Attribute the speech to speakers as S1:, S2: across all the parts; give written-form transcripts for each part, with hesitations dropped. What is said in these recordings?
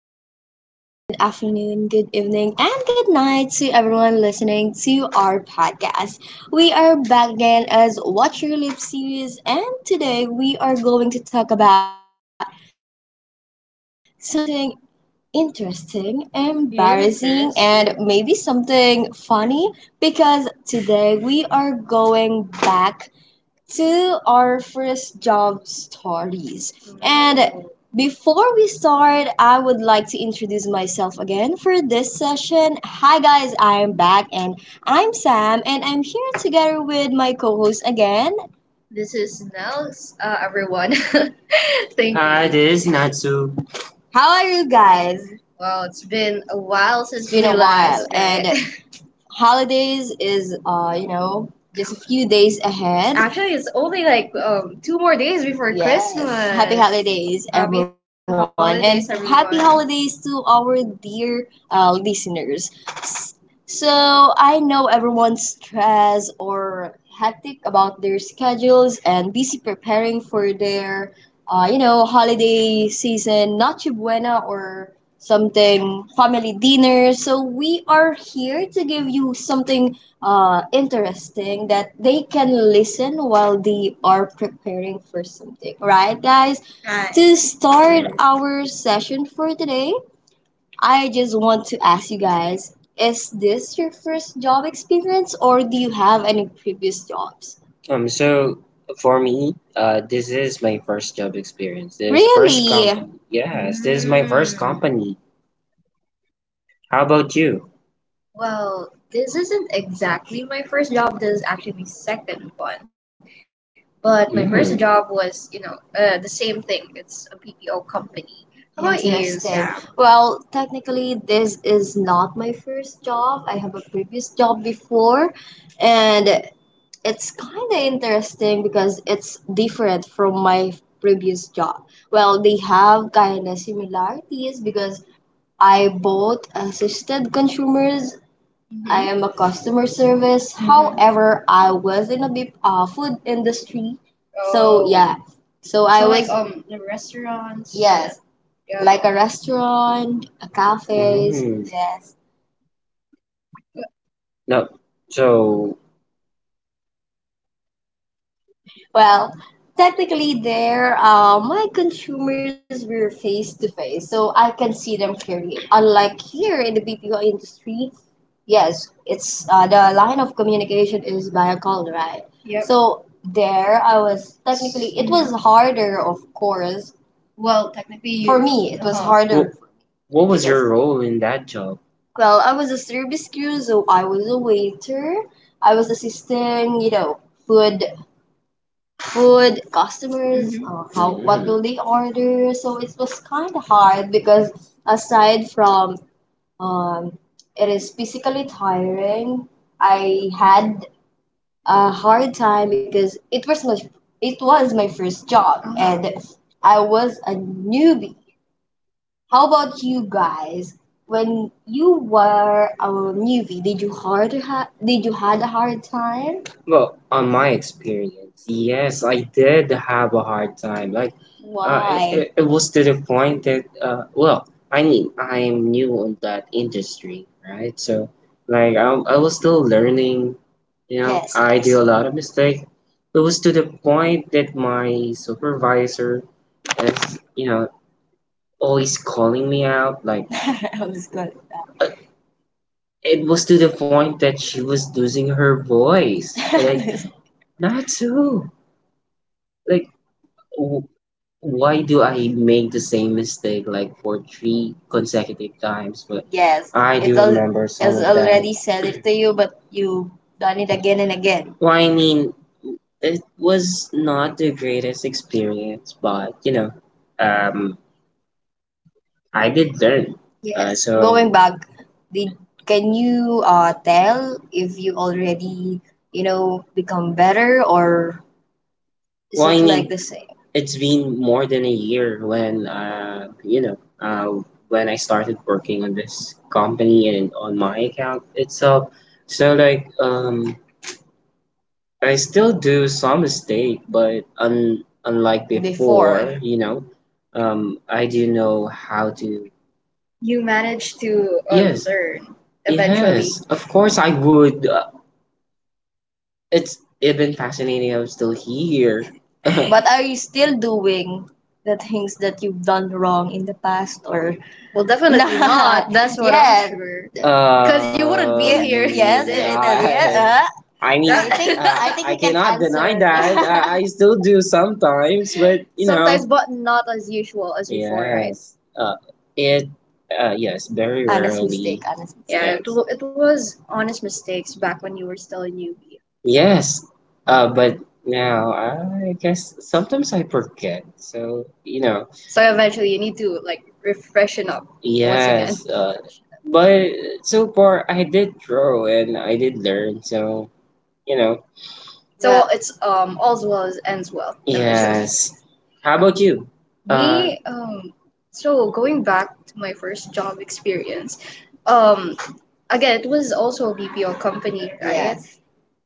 S1: morning, good afternoon, good evening, and good night to everyone listening to our podcast. We are back again as Watch Your Lip series, and today we are going to talk about something interesting, embarrassing, and maybe something funny because today we are going back to our first job stories. And before we start, I would like to introduce myself again for this session. Hi, guys, I'm back and I'm Sam, and I'm here together with my co host again. This is Nels, everyone. Thank you. Hi, this is Natsu. How are you guys? Wow, it's been a while. It's since it's been we a while, last and met holidays is just a few days ahead. Actually, it's only like two more days before. Yes. Christmas. Happy holidays, happy everyone, holidays, and happy everyone, holidays to our dear listeners. S- So I know everyone's stressed or hectic about their schedules and busy preparing for their, holiday season. Not buena or something family dinner. So we are here to give you something interesting that they can listen while they are preparing for something. Right, guys? Right. To start our session for today, I just want to ask you guys, is this your first job experience or do you have any previous jobs? So for me, this is my first job experience. This is first. Really? Company. Yes, this is my first. Mm. Company. How about you? Well, this isn't exactly my first job. This is actually my second one. But my first. Mm. Job was, you know, the same thing. It's a PPO company. How about you, interesting, Sam? Well, technically, this is not my first job. I have a previous job before, and it's kind of interesting because it's different from my previous job. Well, they have kind of similarities because I both assisted consumers. I. Mm-hmm. Am a customer service. Mm-hmm. However, I was in a big, food industry. So. Oh. Yeah, so I. So like was the restaurants. Yes. Yeah. Like a restaurant, a cafes. Mm. Yes. No. So. Well, technically, there, my consumers were face to face, so I can see them clearly. Unlike here in the BPO industry, yes, it's the line of communication is via call, right? Yep. So there, I was, technically it was harder, of course. Well, technically, you, for you- me. It was. Uh-huh. What, harder what was because your role in that job? Well, I was a service crew, so I was a waiter. I was assisting, you know, food food, customers, mhm, how what will they order. So it was kind of hard because aside from um, it is physically tiring, I had a hard time because it was my it was my first job, and I was a newbie. How about you guys? When you were a newbie, did you did you had a hard time? Well, on my experience, yes, I did have a hard time. Like, why? It was to the point that, well, I mean, I am new in that industry, right? So, like, I, I was still learning, you know. Yes, I. Yes. Do. Yes. A lot of mistakes. It was to the point that my supervisor is, you know, always calling me out. Like, I was good. It was to the point that she was losing her voice. Like, that. Not so. Like, w- why do I make the same mistake like for three consecutive times? But yes, I It's do remember some has of that. Already said it to you, but you done it again and again. Well, I mean, it was not the greatest experience, but you know, um, I did learn. Yes. So going back, did, can you tell if you already, you know, become better or is, well, I it like mean, the same? It's been more than a year when, uh, when I started working on this company and on my account itself. So like, I still do some mistake, but unlike before. Before, you know, I do know how to. You managed to, yes, learn eventually. Yes, of course I would. It's, it been fascinating. I'm still here. But are you still doing the things that you've done wrong in the past or? Well, definitely not. That's what. Yeah. I'm yeah sure. Because you wouldn't be. Yeah, here. Yes, it is. God. Yeah. Yeah. I mean, I think I we can cannot deny answer. That. I still do sometimes, but you know, sometimes, but not as usual as before, right? Yes, it, yes, very honest mistake, rarely. Honest. Yeah, mistake. It, yes, it was honest mistakes back when you were still a newbie. Yes, but now I guess sometimes I forget. So, you know, so eventually you need to like refreshen up once again. Yes, but so far I did grow and I did learn. So, you know. Yeah. So yeah, it's all's well as ends well eventually. Yes. How about you? Uh, Me so going back to my first job experience, um again, it was also a BPO company, right?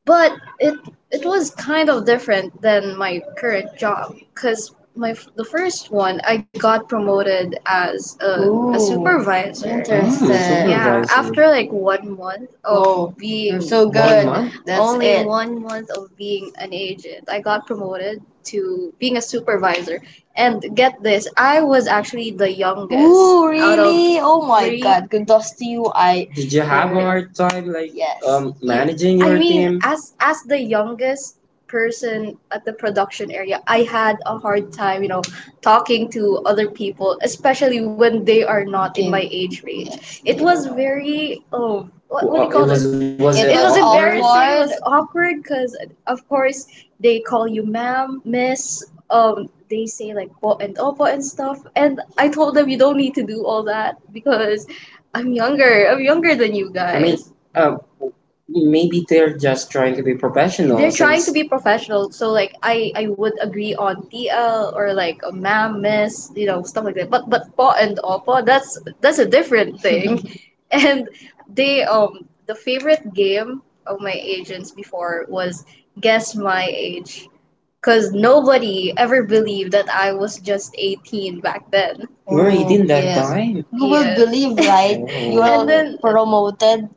S1: But it it was kind of different than my current job because the first one, I got promoted as a, ooh, supervisor, interesting. Yeah, supervisor. After like one month of, whoa, you're being so one good. Month? That's only it. One month of being an agent, I got promoted to being a supervisor. And get this, I was actually the youngest. Ooh, out of really? Oh my three- god, kudos to you. I. Did you have a, yeah, hard time like, yes, managing your, I mean, team? As the youngest person at the production area, I had a hard time, you know, talking to other people, especially when they are not in my age range. Yes. It was very, oh, what do you it? Call was it was. It, was embarrassing. It awkward? Was awkward because, of course, they call you ma'am, miss, they say like what and oppo and stuff, and I told them you don't need to do all that because I'm younger than you. I mean, guys, maybe they're just trying to be professional. They're trying to, since, be professional, so like i would agree on tl or like a ma'am, miss, you know, stuff like that. But po and oppo, that's a different thing. And they, the favorite game of my agents before was guess my age, because nobody ever believed that I was just 18 back then. You were, oh, 18 that. Yes. Time? Who will, yes, believe, right? You. Oh. And are then, promoted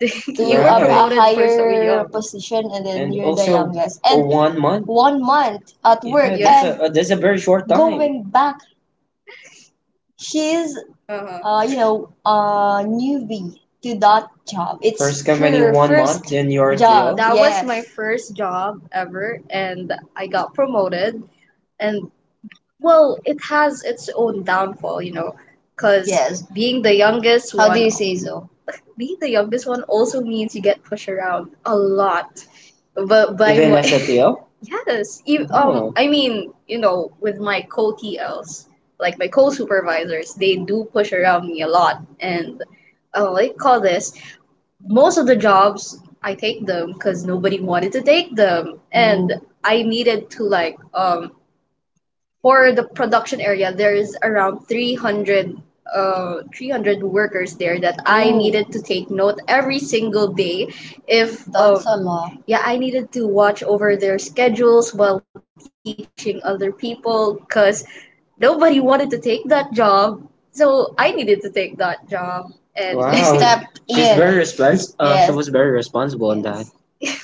S1: to, you were a, right, a promoted for so higher young position, and then, and you're the also, youngest, for and one month? One month at work, yeah, that's, yes, and a, that's a very short time. Going back, she's, uh-huh, you know, a newbie to that job. It's first company, her one month, first, then you're job. TL. That was my, yes, first job ever, and I got promoted. And well, it has its own downfall, you know, because, yes, being the youngest. How do one, you say so? Being the youngest one also means you get pushed around a lot. But by, even my, as a, T L? Yes, oh. I mean, you know, with my co-TLs, like my co-supervisors, they do push around me a lot, and what do you call this? Most of the jobs I take them because nobody wanted to take them, and I needed to like, for the production area there's around 300, 300 workers there that I, oh, needed to take note every single day if, that's a lot. Yeah, I needed to watch over their schedules while teaching other people, cuz nobody wanted to take that job, so I needed to take that job and wow, step she's in. Very she, yes, was very responsible on that. Yes.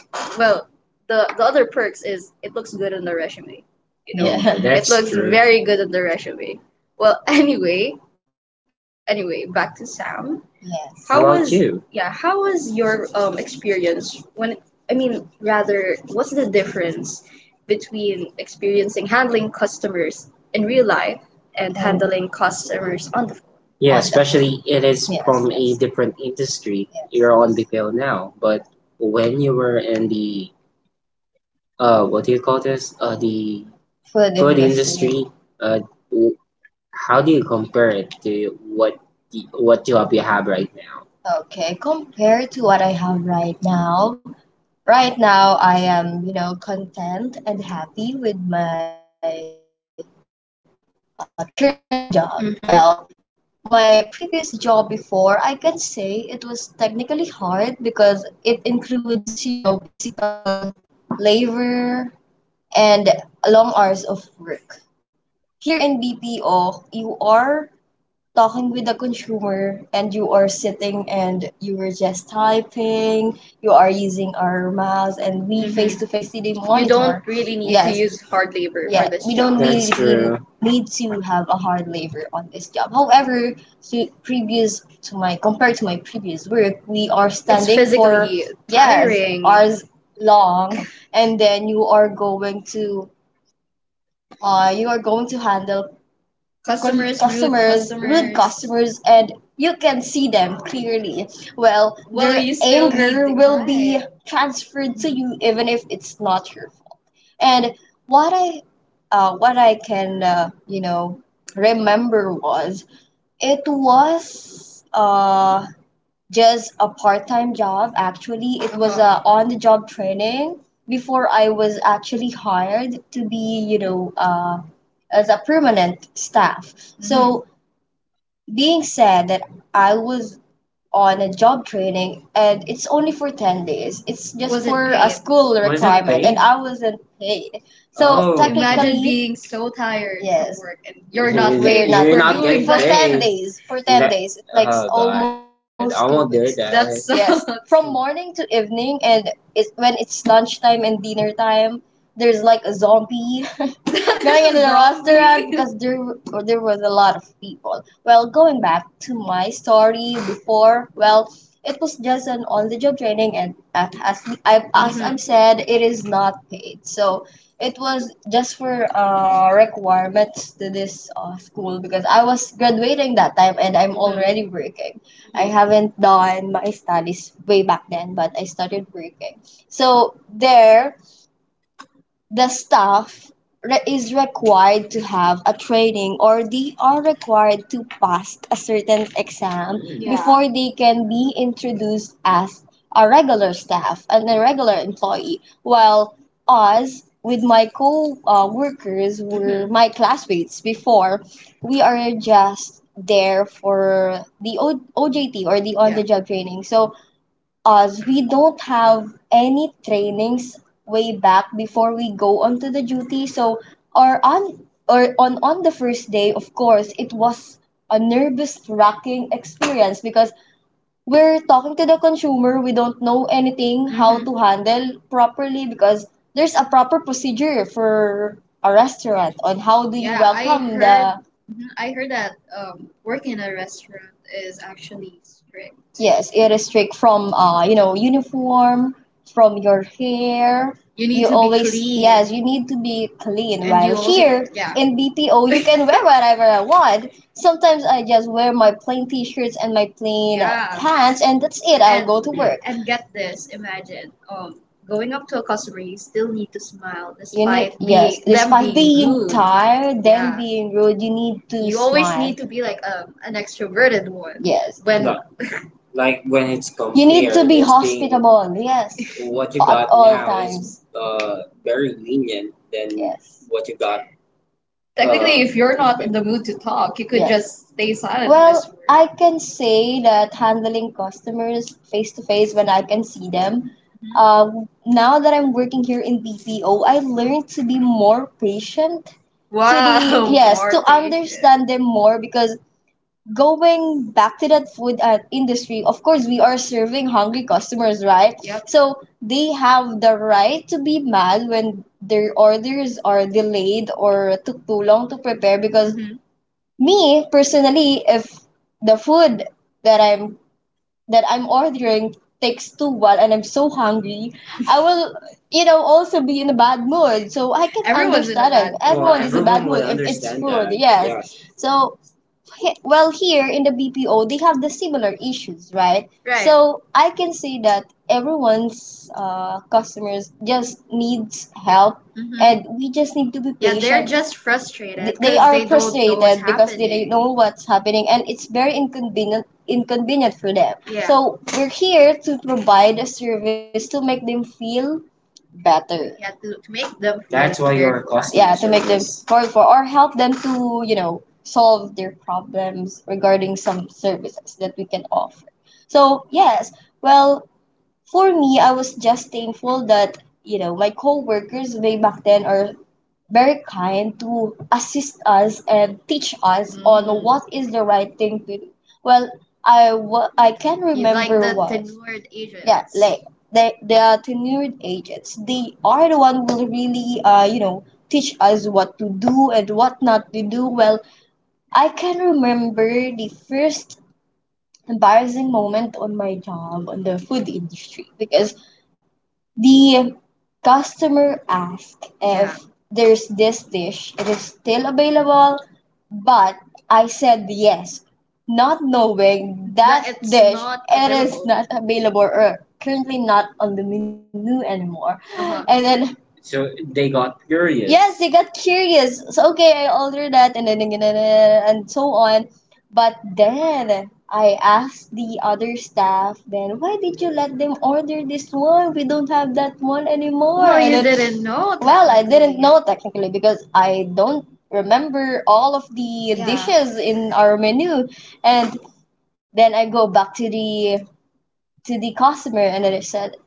S1: Well, the other perks is it looks good on the resume. You know, yeah, that's, it looks, true, very good on the resume. Well, anyway, anyway, back to Sam. Yes. How, well, was you? Yeah? How was your experience when? I mean, rather, what's the difference between experiencing handling customers in real life and handling customers on the phone? Yeah, oh, especially it is, yes, from, yes, a, yes, different industry. Yes. You're on the field now, but when you were in the what do you call this, the food industry uh w- how do you compare it to what what job you have right now? Okay, compared to what I have right now, right now I am, you know, content and happy with my current job. Mhm. Well, my previous job before, I can say it was technically hard because it includes, you know, physical labor and long hours of work. Here in BPO, you are talking with the consumer and you are sitting and you were just typing, you are using our mouse and we Mhm. face to face see the. You don't really need, Yes, to use hard labor. Yeah, for this we job. Don't That's need true. Need to have a hard labor on this job. However, to previous to my compared to my previous work, we are It's standing for physically yes tiring. Hours long, and then you are going to you are going to handle customers, rude customers, rude customers. Rude customers, and you can see them clearly. Well, well, their you still anger need to- will be right. transferred to you, even if it's not your. And what I, what I can, you know, remember was it was just a part-time job. Actually it was a on-the-job training before I was actually hired to be, you know, as a permanent staff. So being said that, I was on a job training and it's only for 10 days. It's just Wasn't for a paid. School Wasn't requirement paid? And I wasn't paid. So Oh. technically Imagine technically, being so tired, Yes, from work and you're not you- paid you're not for not We're doing getting for paid. 10 days, for 10 That- days, like Oh, God, almost I two won't do weeks. That. That's so Yes. From morning to evening and it, when it's lunchtime and dinner time, there's like a zombie going into the restaurant because there was a lot of people. Well, going back to my story before, well, it was just an on the job training, and at, as I have as Mhm. I've said, it is not paid. So it was just for requirements to this school because I was graduating that time and I'm already working. I haven't done my studies way back then, but I started working. So there, the is required to have a training or they are required to pass a certain exam, Yeah, before they can be introduced as a regular staff and a regular employee. While us, with my co workers, were Mhm. my classmates before, we are just there for OJT or the on Yeah. the job training. So as we don't have any trainings way back before we go onto the duty, so or on or on the first day, of course it was a nervous wracking experience because we're talking to the consumer. We don't know anything how Mm-hmm. to Mm-hmm. handle properly because there's a proper procedure for a restaurant on how do you Yeah, I welcome heard. The mhm, I heard that working in a restaurant is actually strict. Yes, it is strict from, uh, you know, uniform, from your hair. You need You to be always yes clean, you need to be clean and you while also here yeah. in BPO you can wear whatever I want. Sometimes I just wear my plain t-shirts and my plain, Yeah. pants, and that's it. I'll and, go to work. And get this, imagine going up to a customer, you still need to smile You need despite yes, being them despite being being rude. Tired, then Yeah. being rude, you need to You always smile. Need to be like an extroverted one. Yes, When like when it's you need to compared, be it's being hospitable. Yes, what you at got all now is times. Very lenient than Yes. what you got. Technically, if you're not in the mood to talk, you could Yeah. just stay silent. Well, Miss Ruth, I can say that handling customers face to face when I can see them. Now that I'm working here in BPO, I learned to be more patient. To be wow. yes, more to patient. Understand them more because going back to that food, industry, of course, we are serving hungry customers, right? Yep. So they have the right to be mad when their orders are delayed or took too long to prepare. Because Mhm. me personally, if the food that I'm that I'm ordering takes too while and I'm so hungry, I will, you know, also be in a bad mood. So I can Everyone's in a understand it. Bad mood. Well, Everyone is in a bad everyone would mood would if it's understand food. That. Yes. Yeah. So well, here in the BPO they have the similar issues, right? Right. So I can say that everyone's, customers just needs help, hmm, and we just need to be, Yeah, they're patient. Just frustrated They because are they don't know what's frustrated because they don't happening. Know what's happening, and it's very inconvenient for them. Yeah. So we're here to provide a service to make them feel better. Yeah, to make them That's why they're you're costing Yeah, to make them service. For or help them to, you know, solve their problems regarding some services that we can offer. So yes, well, for me I was just thankful that, you know, my coworkers way back then or very kind to assist us and teach us on Mm. what is the right thing to do. Well, I can You like remember the was tenured yeah agents. Like they are tenured agents. They are the one who will really, uh, you know, teach us what to do and what not to do. Well, I can remember the first embarrassing moment on my job on the food industry because the customer asked, Yeah, if there's this dish, it is still available, but I said yes, not knowing That that it's dish not it is available. Not available or currently not on the menu anymore. Uh-huh. And then So they got curious. Yes, they got curious. So okay, I ordered that and then and so on. But then I asked the other staff, then why did you let them order this one? We don't have that one anymore. Well, And you then didn't know well, I didn't technically. Know technically because I don't remember all of the Yeah. dishes in our menu. And then I go back to the customer and then I said,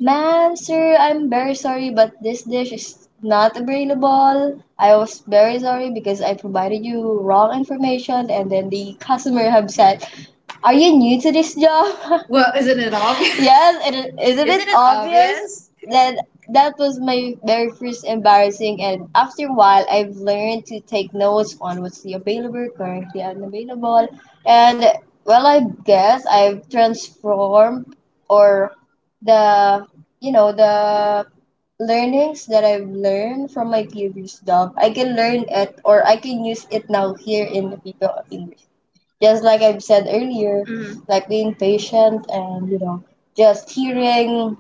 S1: Ma'am, sir, I'm very sorry, but this dish is not available. I was very sorry because I provided you wrong information. And then the customer have said, are you new to this job? Well, isn't it obvious? Yes, isn't it, it obvious? Obvious? That that was my very first embarrassing, and after a while, I've learned to take notes on what's the available, currently unavailable, and well, I guess I've transformed or the, you know, the learnings that I've learned from my previous job. I can learn it or I can use it now here in the people of English, just like I've said earlier, Mm-hmm, like being patient and, you know, just hearing,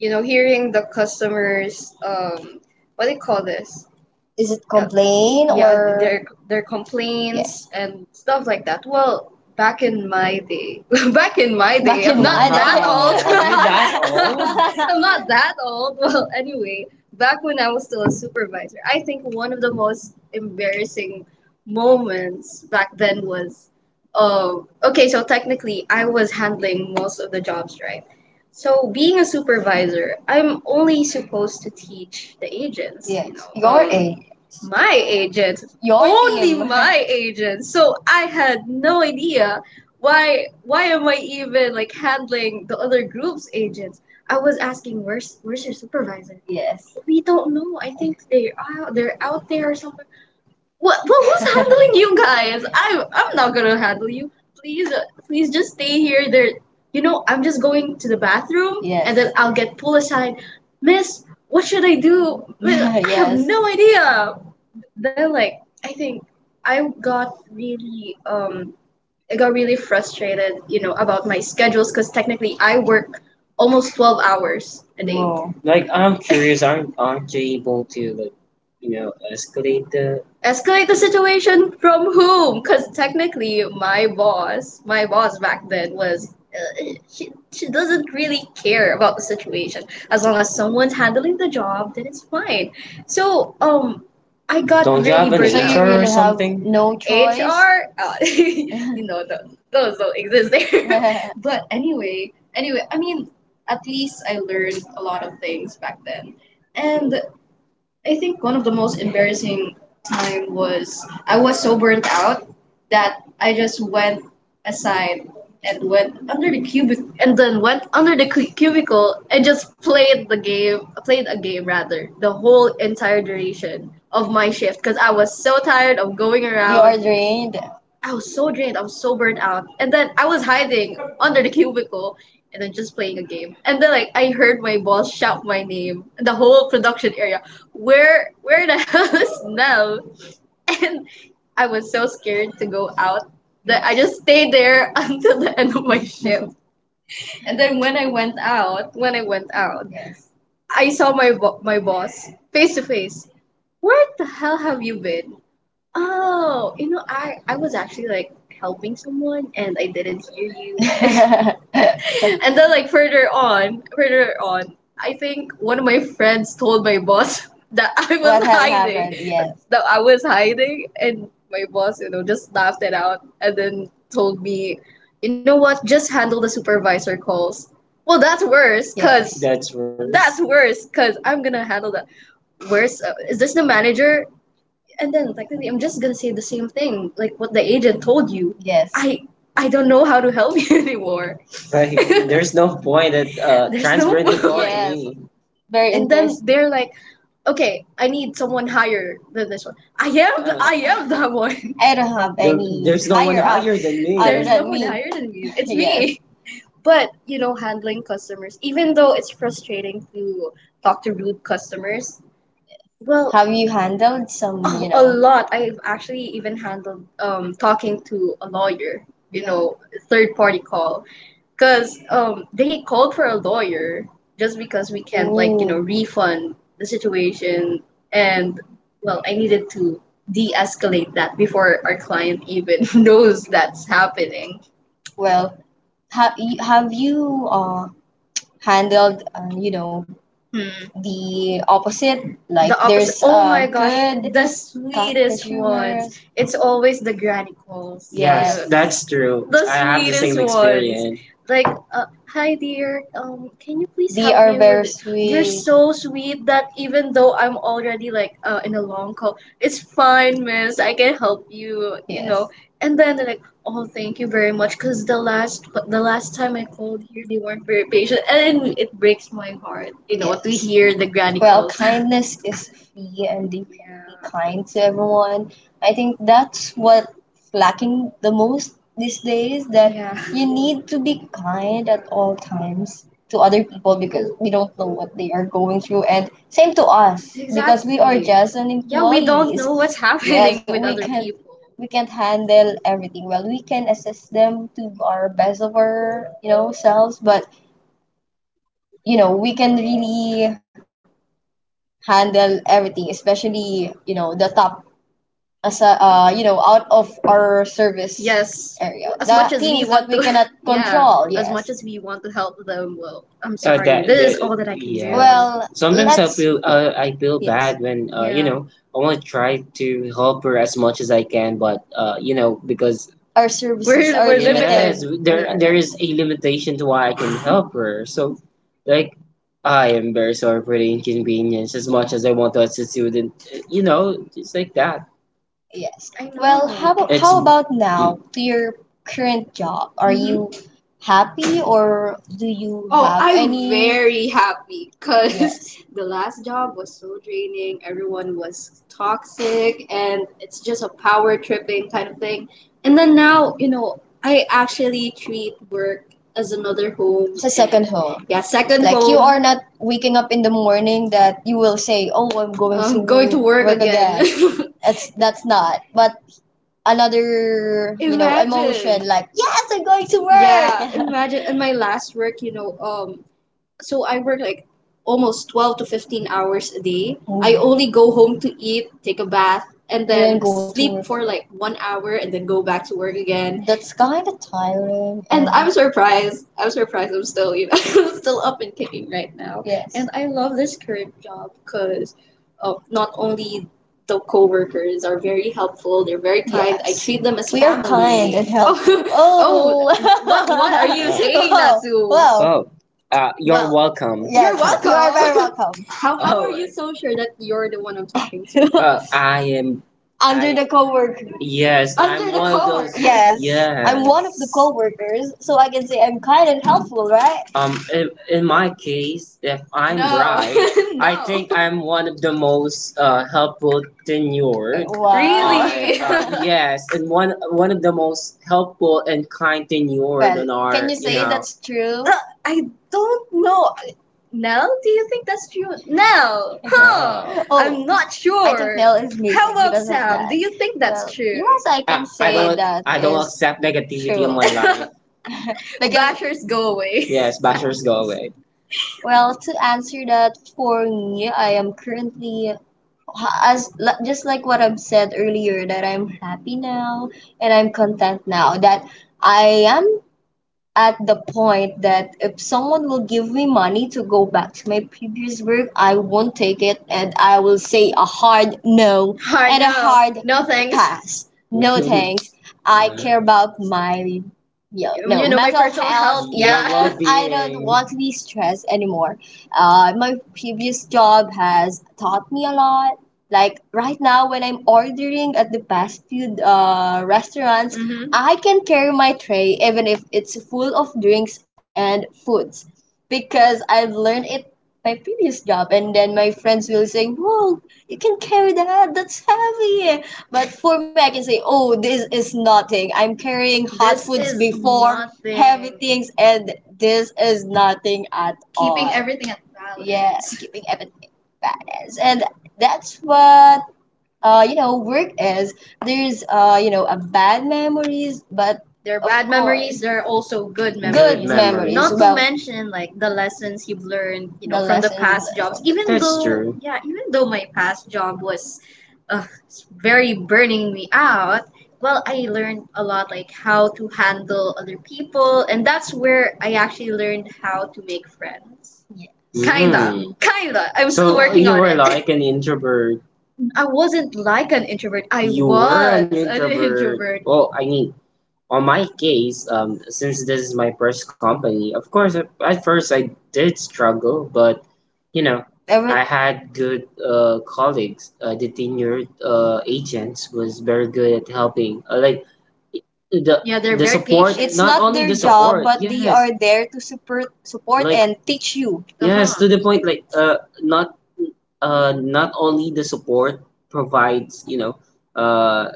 S1: you know, hearing the customers what do you call this Is it yeah complain yeah or their yeah? complaints and stuff like that. Well, back in my day back in my day Back I'm in not my that day. Old Wow, you that old? I'm not that old. Well anyway, back when I was still a supervisor, I think one of the most embarrassing moments back then was okay, so technically I was handling most of the jobs, right? So being a supervisor, I'm only supposed to teach the agents. You Yes. You know, Your A. my agents, Your only team. my agents. So I had no idea why am I even like handling the other group's agents. I was asking, where's your supervisor? Yes. We don't know. I think they are they're out there or something. What, well, who's handling you guys? I'm not gonna handle you. Please, please just stay here. There, you know, I'm just going to the bathroom, Yes, and then I'll get pulled aside. Miss, what should I do? Miss, I have yes. no idea. Then, like, I think I got really um I got really frustrated, you know, about my schedules because technically I work almost 12 hours a day. Whoa. Like I'm curious, aren't you able to like, you know, escalate the Escalate the situation from whom? Because technically my boss back then was. She doesn't really care about the situation as long as someone's handling the job, then it's fine. So I got. Don't you really have an, so you out, HR or really have something? No choice. HR, you know, those don't exist there. But anyway, at least I learned a lot of things back then. And I think one of the most embarrassing time was I was so burnt out that I just went aside and went under the cubic and then went under the cu- cubicle and just played a game rather the whole entire duration of my shift because I was so tired of going. You around. Are drained. I was so drained, I was so burnt out, and then I was hiding under the cubicle and then just playing a game, and then like I heard my boss shout my name the whole production area. Where the hell is now? And I was so scared to go out that I just stayed there until the end of my shift. And then when I went out, yes, I saw my my boss face to face. Where the hell have you been? Oh, I was actually like helping someone and I didn't hear you. And then like further on, I think one of my friends told my boss that I was. What had hiding. Happened? Yes. That I was hiding, and my boss, just laughed it out and then told me, "You know what? Just handle the supervisor calls." Well, that's worse. Yes. Cuz that's worse. That's worse cuz I'm going to handle that. Where's is this the manager? And then technically, I'm just gonna say the same thing, like what the agent told you. Yes. I don't know how to help you anymore. Right. There's no point at there's transferring no it all to me. Very. And then intense. They're like, okay, I need someone higher than this one. I am the, uh, I am that one. I don't have there- any. There's no higher one higher up than me. There's no one higher than me. It's. Yes. Me. But handling customers, even though it's frustrating to talk to rude customers, well, have you handled some, a you a know? Lot. I've actually even handled talking to a lawyer, you know, third party call. Because they called for a lawyer just because we can't, like, ooh, refund the situation. And, well, I needed to de escalate that before our client even knows that's happening. Well, have you handled, hmm, the opposite. Like the opposite. There's oh my gosh, good the sweetest ones. Rumors. It's always the granny calls. Yes. Yes, yes, that's true. The I have the same sweetest ones. Experience. Like, hi dear, can you please they help are me very with very it? They're sweet. So sweet that even though I'm already like in a long call, it's fine, miss. I can help you, you yes know. Yes. And then they're, oh, thank you very much. Cause the last time I called here, they weren't very patient, and it breaks my heart. You know to. Yes. Hear the granny. Well, calls. Kindness is free and they can be yeah kind to everyone. I think that's what lacking the most these days, that yeah you need to be kind at all times to other people because we don't know what they are going through, and same to us because we are exactly just an employees. Yeah, we don't know what's yes happening yes with we other can't people. We can't handle everything. Well, we can assist them to our best of our selves, but we can really handle everything, especially the top as a out of our service. Yes. Area. As the much as we things want that we to- cannot yeah control. Yes. As much as we want to help them, well, I'm sorry, that- this is that- all that I can yeah do. Yeah. Well, sometimes I let's- feel I feel. Yes. Bad when you yeah know I want to try to help her as much as I can, but because our services we're- are we're limited. Yes, limited. There yeah there is a limitation to why I can help her. So like I am very sorry for the inconvenience. As much as I want to assist you, with it, just like that. Yes. I well know. How about, It's how about now to your current job? Are mhm you happy or do you, oh, have I'm any? Very. Because yes the job was so draining. Everyone was toxic, and it's just a power tripping kind of thing. And then now, I actually treat work as another home. It's a and second home. Yeah, second like you home are not waking up in the morning that you will say, "Oh, I'm going to work again. Again." That's not. But another imagine emotion like yes I'm going to work yeah imagine in my last work so I work like almost 12 to 15 hours a day. I oh only go home to eat, take a bath, and then go to sleep work for like 1 hour and then go back to work again. That's kind of tiring. And I'm and surprised I'm surprised I'm still, still up and kicking right now. Yes. And I love this current job because not only the coworkers are very helpful, they're very kind. I yes treat them as we are kind family and helpful. Oh, oh. What are you, oh, saying, wow, Natsu? Wow. You're well welcome. Yeah, you're welcome. You are very welcome. How oh are you so sure that you're the one I'm talking to? I am. Under the co yes under I'm the one co-worker. Of those. Yes. Yes. I'm one of the coworkers, so I can say I'm kind and helpful, right? In my case, if I'm no right, no. I No. think I'm one of the most helpful tenured. Wow. Really? Yes, and one of the most helpful and kind tenured. Well, in our, can you say that's true? I don't know. Nell, do you think that's true? Nell, huh? Oh, I'm not sure. I think Nell is making. How about Sam? Do you think that's, well, true? Yes, I can, ah, say I that. I don't accept negativity true in my life. Like, bashers go away. Yes, bashers go away. Well, to answer that for me, I am currently as just like what I've said earlier that I'm happy now and I'm content now that I am at the point that if someone will give me money to go back to my previous work, I won't take it and I will say a hard no. Hard and no, a no hard no thanks. Pass. No thanks. I care about my yeah, no, you know my mental personal health. Health. Your yeah your I don't well-being want to be stressed anymore. My previous job has taught me a lot. Like right now, when I'm ordering at the fast food restaurants, mm-hmm, I can carry my tray even if it's full of drinks and foods because I've learned it my previous job. And then my friends will say, "Whoa, you can carry that. That's heavy." But for me, I can say, "Oh, this is nothing. I'm carrying hot this foods is before nothing heavy things, and this is nothing at all." Keeping everything at balance. Yes, keeping everything balanced. And that's what work is, there's a bad memories, but there are of bad memories course, there are also good memories. Good memories. Not to, well, mention like the lessons you've learned, you the know, the from the lessons past jobs. Even that's though true. Yeah, even though my past job was uh, very burning me out, well, I learned a lot like how to handle other people, and that's where I actually learned how to make friends. Yes. Kinda, mm, kinda. I'm still so working you on were it. Like an introvert I wasn't like an introvert. I you were an was an introvert introvert. Well, I mean, on my case, since this is my first company, of course, at first I did struggle, but every I had good colleagues. The tenured agents was very good at helping. Like the, yeah, they're the very support, patient. It's not only their the job, support. But they, yes, are there to support like and teach you, yes. Uh-huh. To the point. Like not not only the support provides, uh,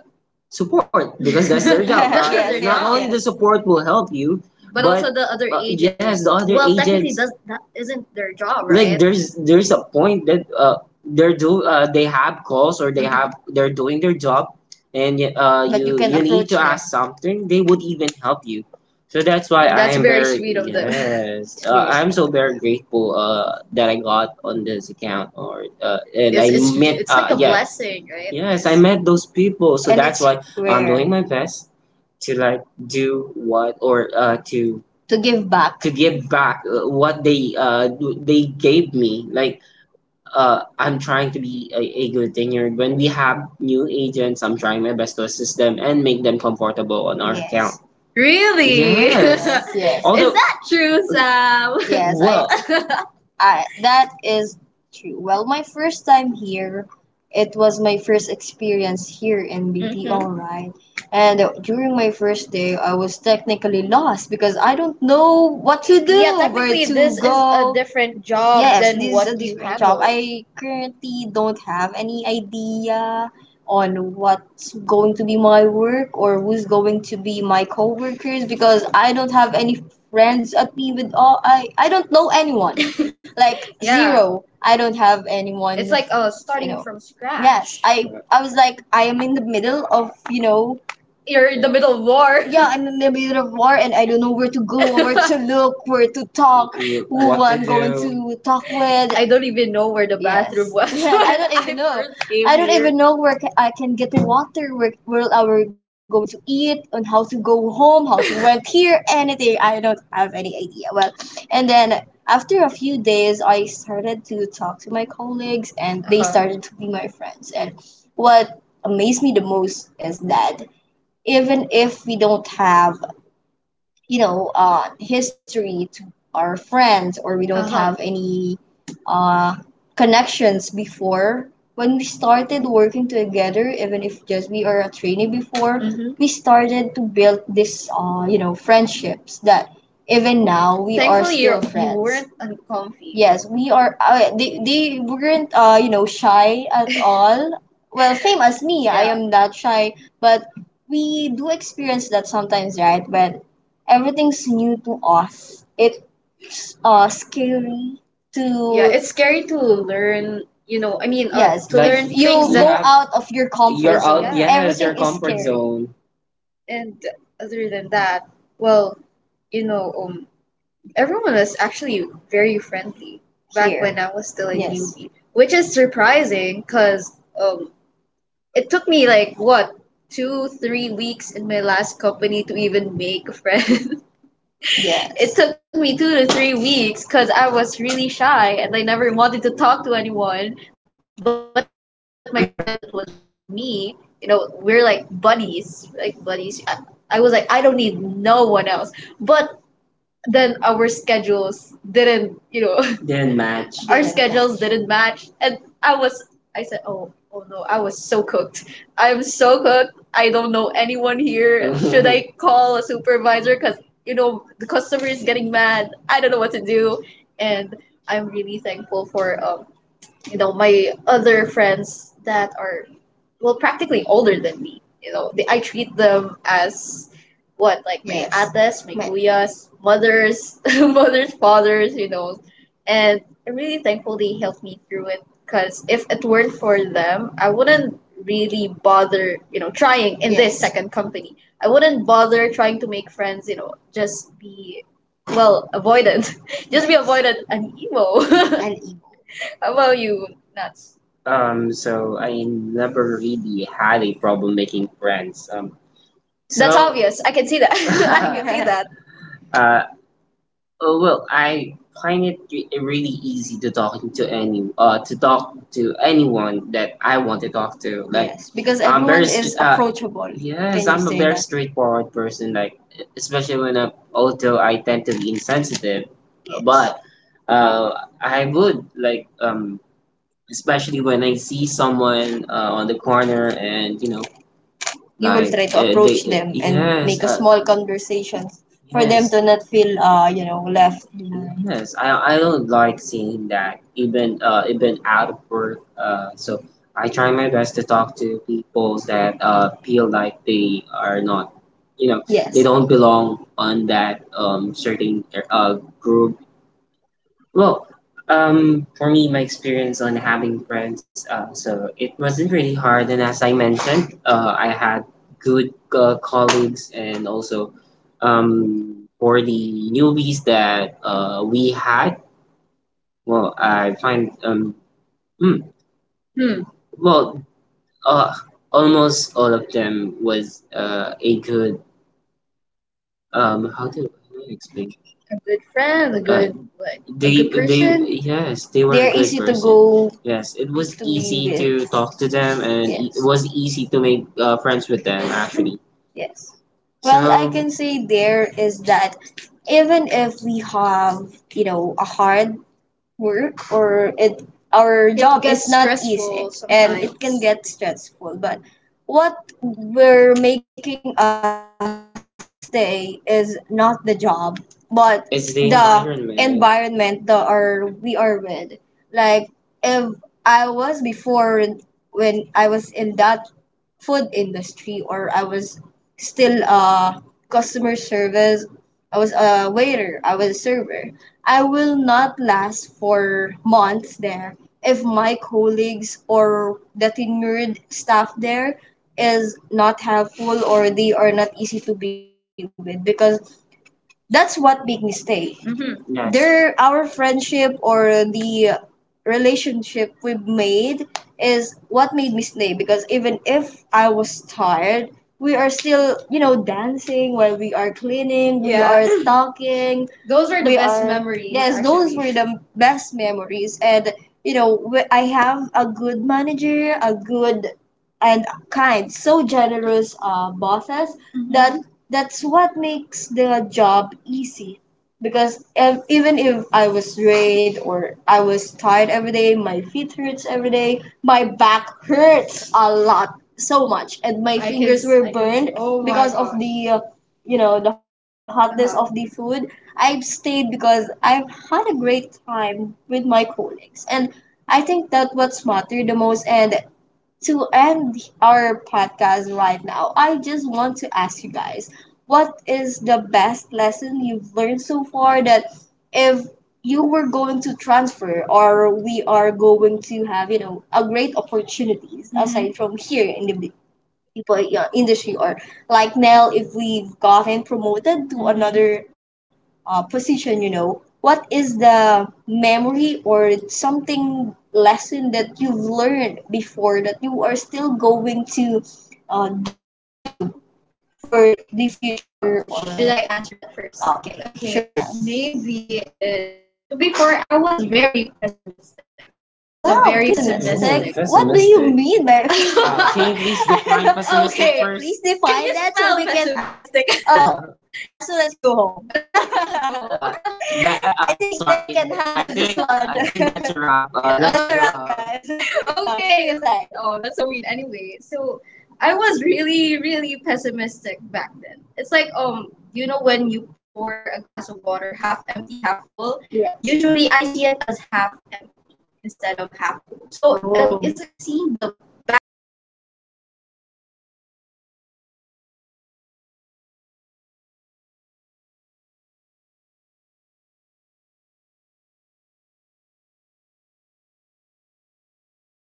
S1: support because that's their job. That's right? Their not job, only, yeah, the support will help you, but also the other agents, yes, the other, well, technically, agents does, that isn't their job, right? Like, right? There's a point that they have calls or they, mhm, have they're doing their job, and but you need approach to them, ask something. They would even help you, so that's why that's I, that's am very, very sweet of them, yes. Very I'm sweet, so very grateful that I got on this account, or and it's, I it's, met it's like a, yeah, blessing, right? Yes, I met those people, so, and that's it's why I'm, where, doing, where, my best to like do what, or to give back, to give back what they gave me. Like, I'm trying to be a good thing. When we have new agents, I'm trying my best to assist them and make them comfortable on our account. Yes. Really? Yes. Yes. Yes. Is although that true, Sam? Yes. I, well, I that is true. Well, my first time here, it was my first experience here in BPO, mm-hmm, right? And during my first day, I was technically lost because I don't know what to, yeah, do, yeah, where, technically, to this is a go, different job Yes, than this is what a what you different job handle. I currently don't have any idea on what's going to be my work or who's going to be my coworkers, because I don't have any friends at me with all. I don't know anyone, like, yeah, zero. I don't have anyone. It's like starting, you know, from scratch, yes. I was like, I am in the middle of, you know, you're in the middle of war. Yeah, I'm in the middle of war, and I don't know where to go, where to look, where to talk, who I'm to going to talk with. I don't even know where the bathroom, yes, was. Yeah, I don't even I know. I don't here even know where I can get water, where are we going to eat, on how to go home, how to went here, anything. I don't have any idea. Well, and then after a few days, I started to talk to my colleagues, and they, uh-huh, started to be my friends. And what amazed me the most is that even if we don't have, you know, history to our friends, or we don't, uh-huh, have any uh, connections before, when we started working together, even if just we are a trainee before, mm-hmm, we started to build this you know, friendships that even now we are, thankfully, you're, still you friends weren't uncomfy. Yes, we are. They weren't, you know, shy at all. Well, same as me, I, yeah, am not shy, but we do experience that sometimes, right? When everything's new to us, it's scary to, yeah, it's scary to learn, you know, I mean, yes, to, like, learn, you things go that, yeah, out of your comfort, you're, zone, out, yeah, yes, everything your is comfort scary zone. And other than that, well, you know, um, everyone was actually very friendly back, here, when I was still a, yes, newbie, which is surprising because, um, it took me like what, two, 3 weeks in my last company to even make a friend. Yeah, it took me 2 to 3 weeks because I was really shy, and I never wanted to talk to anyone. But my friend that was with me, you know, we're like buddies, like buddies. I was like, I don't need no one else. But then our schedules didn't, you know, didn't match our, yeah, schedules didn't match. And I was, I said, oh, oh no, I was so cooked. I'm so cooked. I don't know anyone here. Should I call a supervisor? Because, you know, the customer is getting mad. I don't know what to do. And I'm really thankful for, you know, my other friends that are, well, practically older than me. You know, they, I treat them as what, like my, yes, atas, my, kuyas, mothers, mothers, fathers, you know. And I'm really thankful they helped me through it, because if it weren't for them, I wouldn't really bother, you know, trying in this, yes, second company. I wouldn't bother trying to make friends, you know, just be, well, avoidant. Just be, yes, avoidant and emo. And how about you, Nuts? So I never really had a problem making friends. That's so obvious. I can see that. I can see that. uh, oh, well, I find it really easy to talking to any to talk to anyone that I want to talk to. Like, yes, because I'm everyone very approachable, yes. Can you I'm a say very that straightforward person? Like, especially when I, although I tend to be insensitive, yes, but uh, I would like, especially when I see someone on the corner, and you know, you will like try to they, approach, they, them, and, yes, make a small conversation for them, yes, to not feel, you know, left behind, yes. I don't like seeing that, even even out of work, so I try my best to talk to people that feel like they are not, you know, they, yes, don't belong on that certain uh, group. Well, for me, my experience on having friends, so it wasn't really hard. And as I mentioned, I had good colleagues, and also, for the newbies that we had, well, I find hmm, Hmm. well, uh, almost all of them was a good, how do I explain? A good friend, a, good what? A they good they person, yes, they were, they a are good easy to person, go yes, it was to be easy with, to with, talk to them. And it, yes, was easy to make friends with them actually. Yes. Well, I, so, can say there is that, even if we have, you know, a hard work, or it, our, it job gets is gets not easy stressful and it can sometimes get stressful, but what we're making us stay is not the job, but it's the environment, environment that are we are with. Like, if I was before, when I was in that food industry, or I was still customer service, I was a waiter, I was a server, I will not last for months there if my colleagues or the tenured staff there is not helpful, or they are not easy to be with, because that's what made me stay. Mm-hmm. Yes. Their our friendship or the relationship we've made is what made me stay, because even if I was tired, we are still, you know, dancing while we are cleaning, we, yeah, are talking, those are the we best memories. Yes, those actually were actually the best memories. And you know, I have a good manager, a good and kind, so generous bosses that, mhm, that's what makes the job easy. Because, if even if I was drained or I was tired every day, my feet hurts every day, my back hurts a lot, so much, and my I can fingers were I can see, burned, oh my, because of gosh, the you know, the hotness, uh-huh, of the food. I've stayed because I've had a great time with my colleagues, and I think that what's mattered the most. And to end our podcast right now, I just want to ask you guys, what is the best lesson you've learned so far, that if you were going to transfer, or we are going to have, you know, a great opportunities, mhm, aside from here in the people, yeah, industry, or, like, now if we've gotten promoted to, mm-hmm, another position, you know, what is the memory or something lesson that you've learned before that you are still going to do for the, oh, future, oh, or should I answer that first? Okay. Okay, sure, now, maybe it's, so, before I was very pessimistic. Yeah. I was wow, a wow, very pessimistic, pessimistic. Ooh, what do you mean by can you please define pessimistic, okay, first? Please define that so we can ask pessimistic? Oh, that's so. Let's go home. Let's go home. That, I think, sorry, Del can handle I this one. I think that's a wrap. That's, let a wrap guys, okay. No, kidding aside. Oh, that's so mean. Anyway, so I was really, really pessimistic back then. It's like, you know, when you pour a glass of water half empty, half full, yes, usually I see it as half empty instead of half full. So, oh, it's like seeing the bad side of stuff. You, what, know, is, I, was, not, a, very, there, yeah, okay, I was a very negative person. Kinda, you know, kinda. Like, mhm, yes,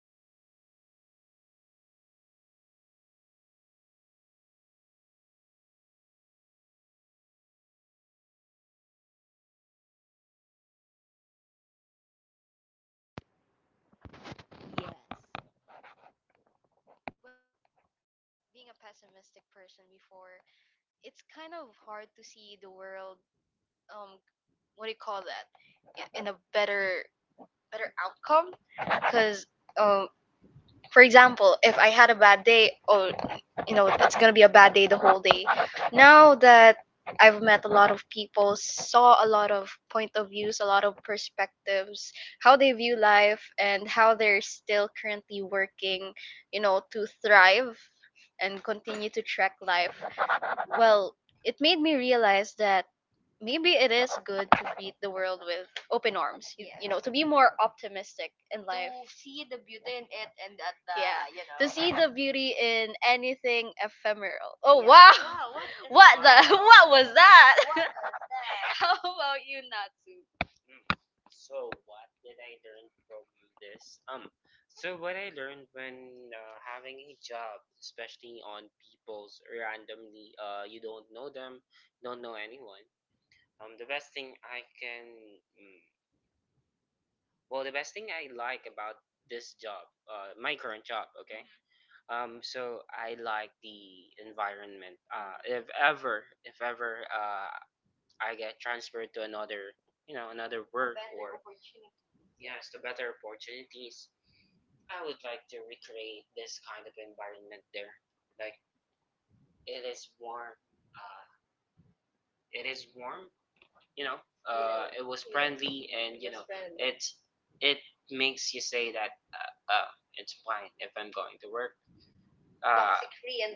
S1: well, again, you know, I was kind of a negative person. No way.
S2: Yes.
S1: Yes.
S2: Well, no, being a
S1: Well,
S2: pessimistic person
S1: you know,
S2: before,
S1: being a
S2: it's
S1: pessimistic
S2: kind of
S1: person
S2: hard to
S1: before,
S2: see the
S1: it's
S2: world.
S1: kind of hard to
S2: um,
S1: see the
S2: what do you
S1: world
S2: call that, in a better outcome. Because, um, for example, if I had a bad day, oh, you know it's gonna be a bad day the whole day. Now that I've met a lot of people, saw a lot of point of views, a lot of perspectives, how they view life and how they're still currently working, you know, to thrive and continue to track life. Well, it made me realize that maybe it is good to greet the world with open arms. Yes, to be more optimistic in life. To see the beauty in it and at the, yeah, the, you To know. See know. The beauty in anything ephemeral. Oh yeah. Wow. Wow, what, the what, the wow, what was that? What, the how about you, Natsu? Mhm. Free and,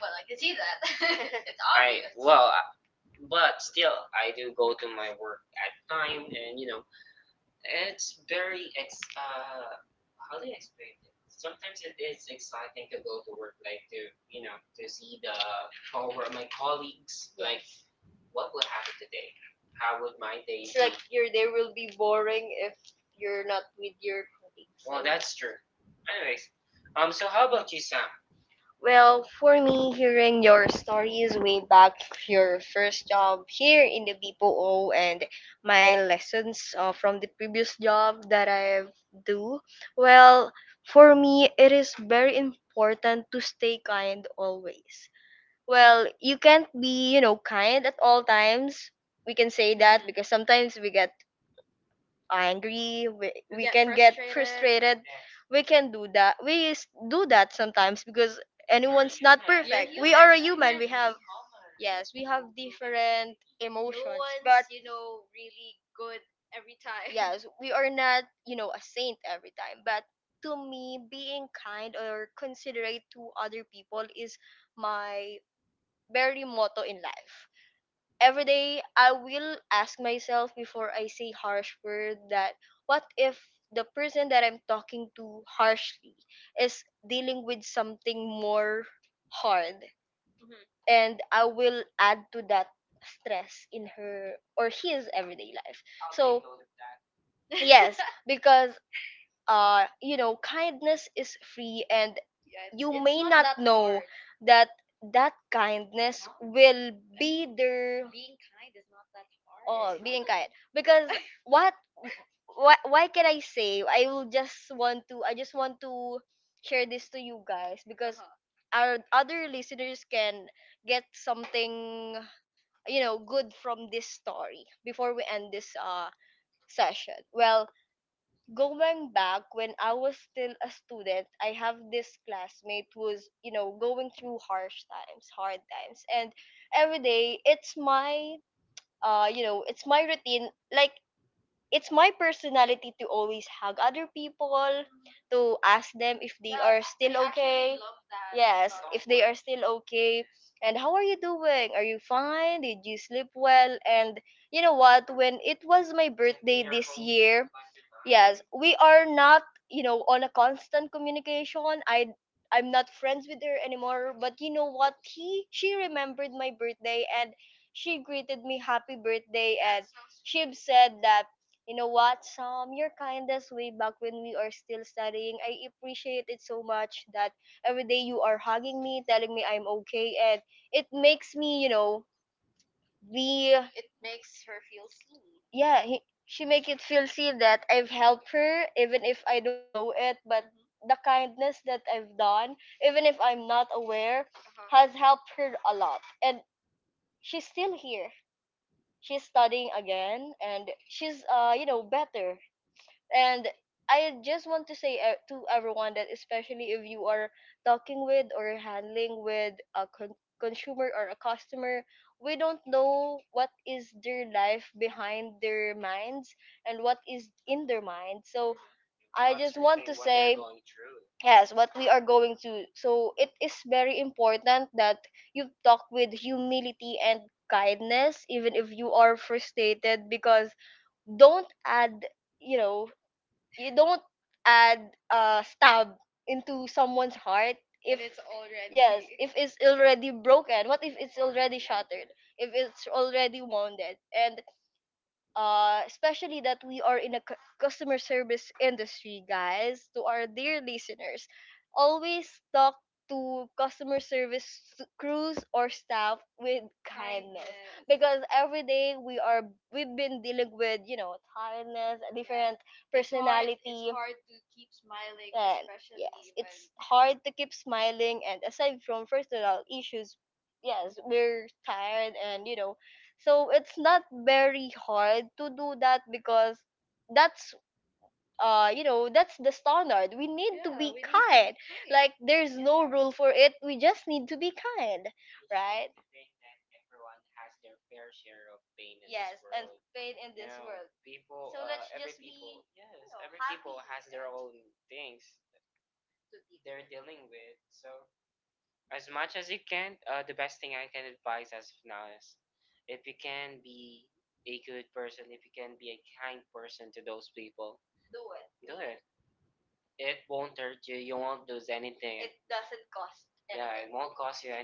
S2: well, I can see that. it's ob- your day will be boring if you're not with your colleagues. Well, for me, hearing your stories way back, your first job here in the BPO, and my lessons, from the previous job that I've do. Well, for me, it is very important to stay kind always. Well, you can't be, you know, kind at all times. We can say that because sometimes we get angry, we get can get frustrated. Frustrated we can do that. Do that sometimes because We have yes, we have different emotions, but yes, we are not, you know, a saint every time. But to me, being kind or considerate to other people is my very motto in life. Every day I will ask myself before I say harsh word, that what if the person that I'm talking to harshly is dealing with something more hard. Mhm. And I will add to that stress in her or his everyday life. Yes. Because, you know, kindness is free and, yes, you it's may not not that know hard. That that kindness will be there. Being kind is not that hard. Oh, being kind, because what, why can I say, I just want to share this to you guys because, uh-huh, our other listeners can get something, you know, good from this story before we end this session. Well, going back when I was still a student, I have this classmate who's, you know, going through harsh times, hard times. And every day it's my, it's my routine. Like, it's my personality to always hug other people, to ask them if they, are still I actually okay. love that Yes, okay. And how are you doing? Are you fine? Did you sleep well? And you know what? When it was my We are not, you know, on a constant communication. I'm not friends with her anymore, but you know what? He She remembered my birthday and she greeted me happy birthday. She said that, you know what, Sam, your kindness way back when we are still studying, I appreciate it so much, that every day you are hugging me, telling me I'm okay and it makes me, you know, we it makes her feel seen. Yeah, she make it feel seen that I've helped her even if I don't know it. But, mhm, the kindness that I've done even if I'm not aware, uh-huh, has helped her a lot. And she's still here, she's studying again, and she's, you know, better. And I just want to say, to everyone, that especially if you are talking with or handling with a consumer or a customer, we don't know what is their life behind their minds and what is in their mind. So I just want to say, yes what we are going to so it is very important that you talk with humility and kindness even if you are frustrated, because don't add, you know, you don't add a stab into someone's heart. If it's already, yes, if it's already broken, what if it's already shattered, if it's already wounded. And, especially that we are in a customer service industry, guys, to our dear listeners, always talk to customer service crews or staff with kindness. Kindness. Because every day we are, we've been dealing with, you know, tiredness. Yes. different It's hard. It's personality hard to keep smiling, and yes, especially hard to keep smiling and aside from personal issues. Yes, we're tired and, you know, so it's not very hard to do that because that's, you know, that's the standard. We need to, yeah, be kind. Be kind. Like there's no rule for it. We just need to be kind, right? Yes, and pain in this world. So let's just be, you know, happy. It doesn't cost anything.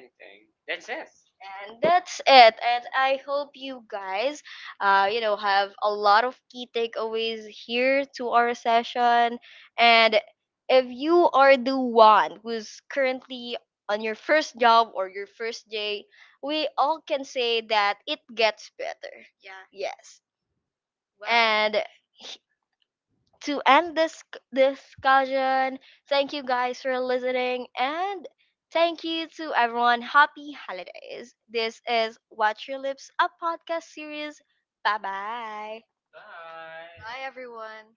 S2: And that's it. And I hope you guys, have a lot of key takeaways here to our session. And if you are the one who's currently on your first job or your first day, we all can say that it gets better. Yeah. Yes. Well. And to end this discussion, thank you guys for listening and thank you to everyone. Happy holidays. This is Watch Your Lips, a podcast series. Bye bye. Bye, everyone.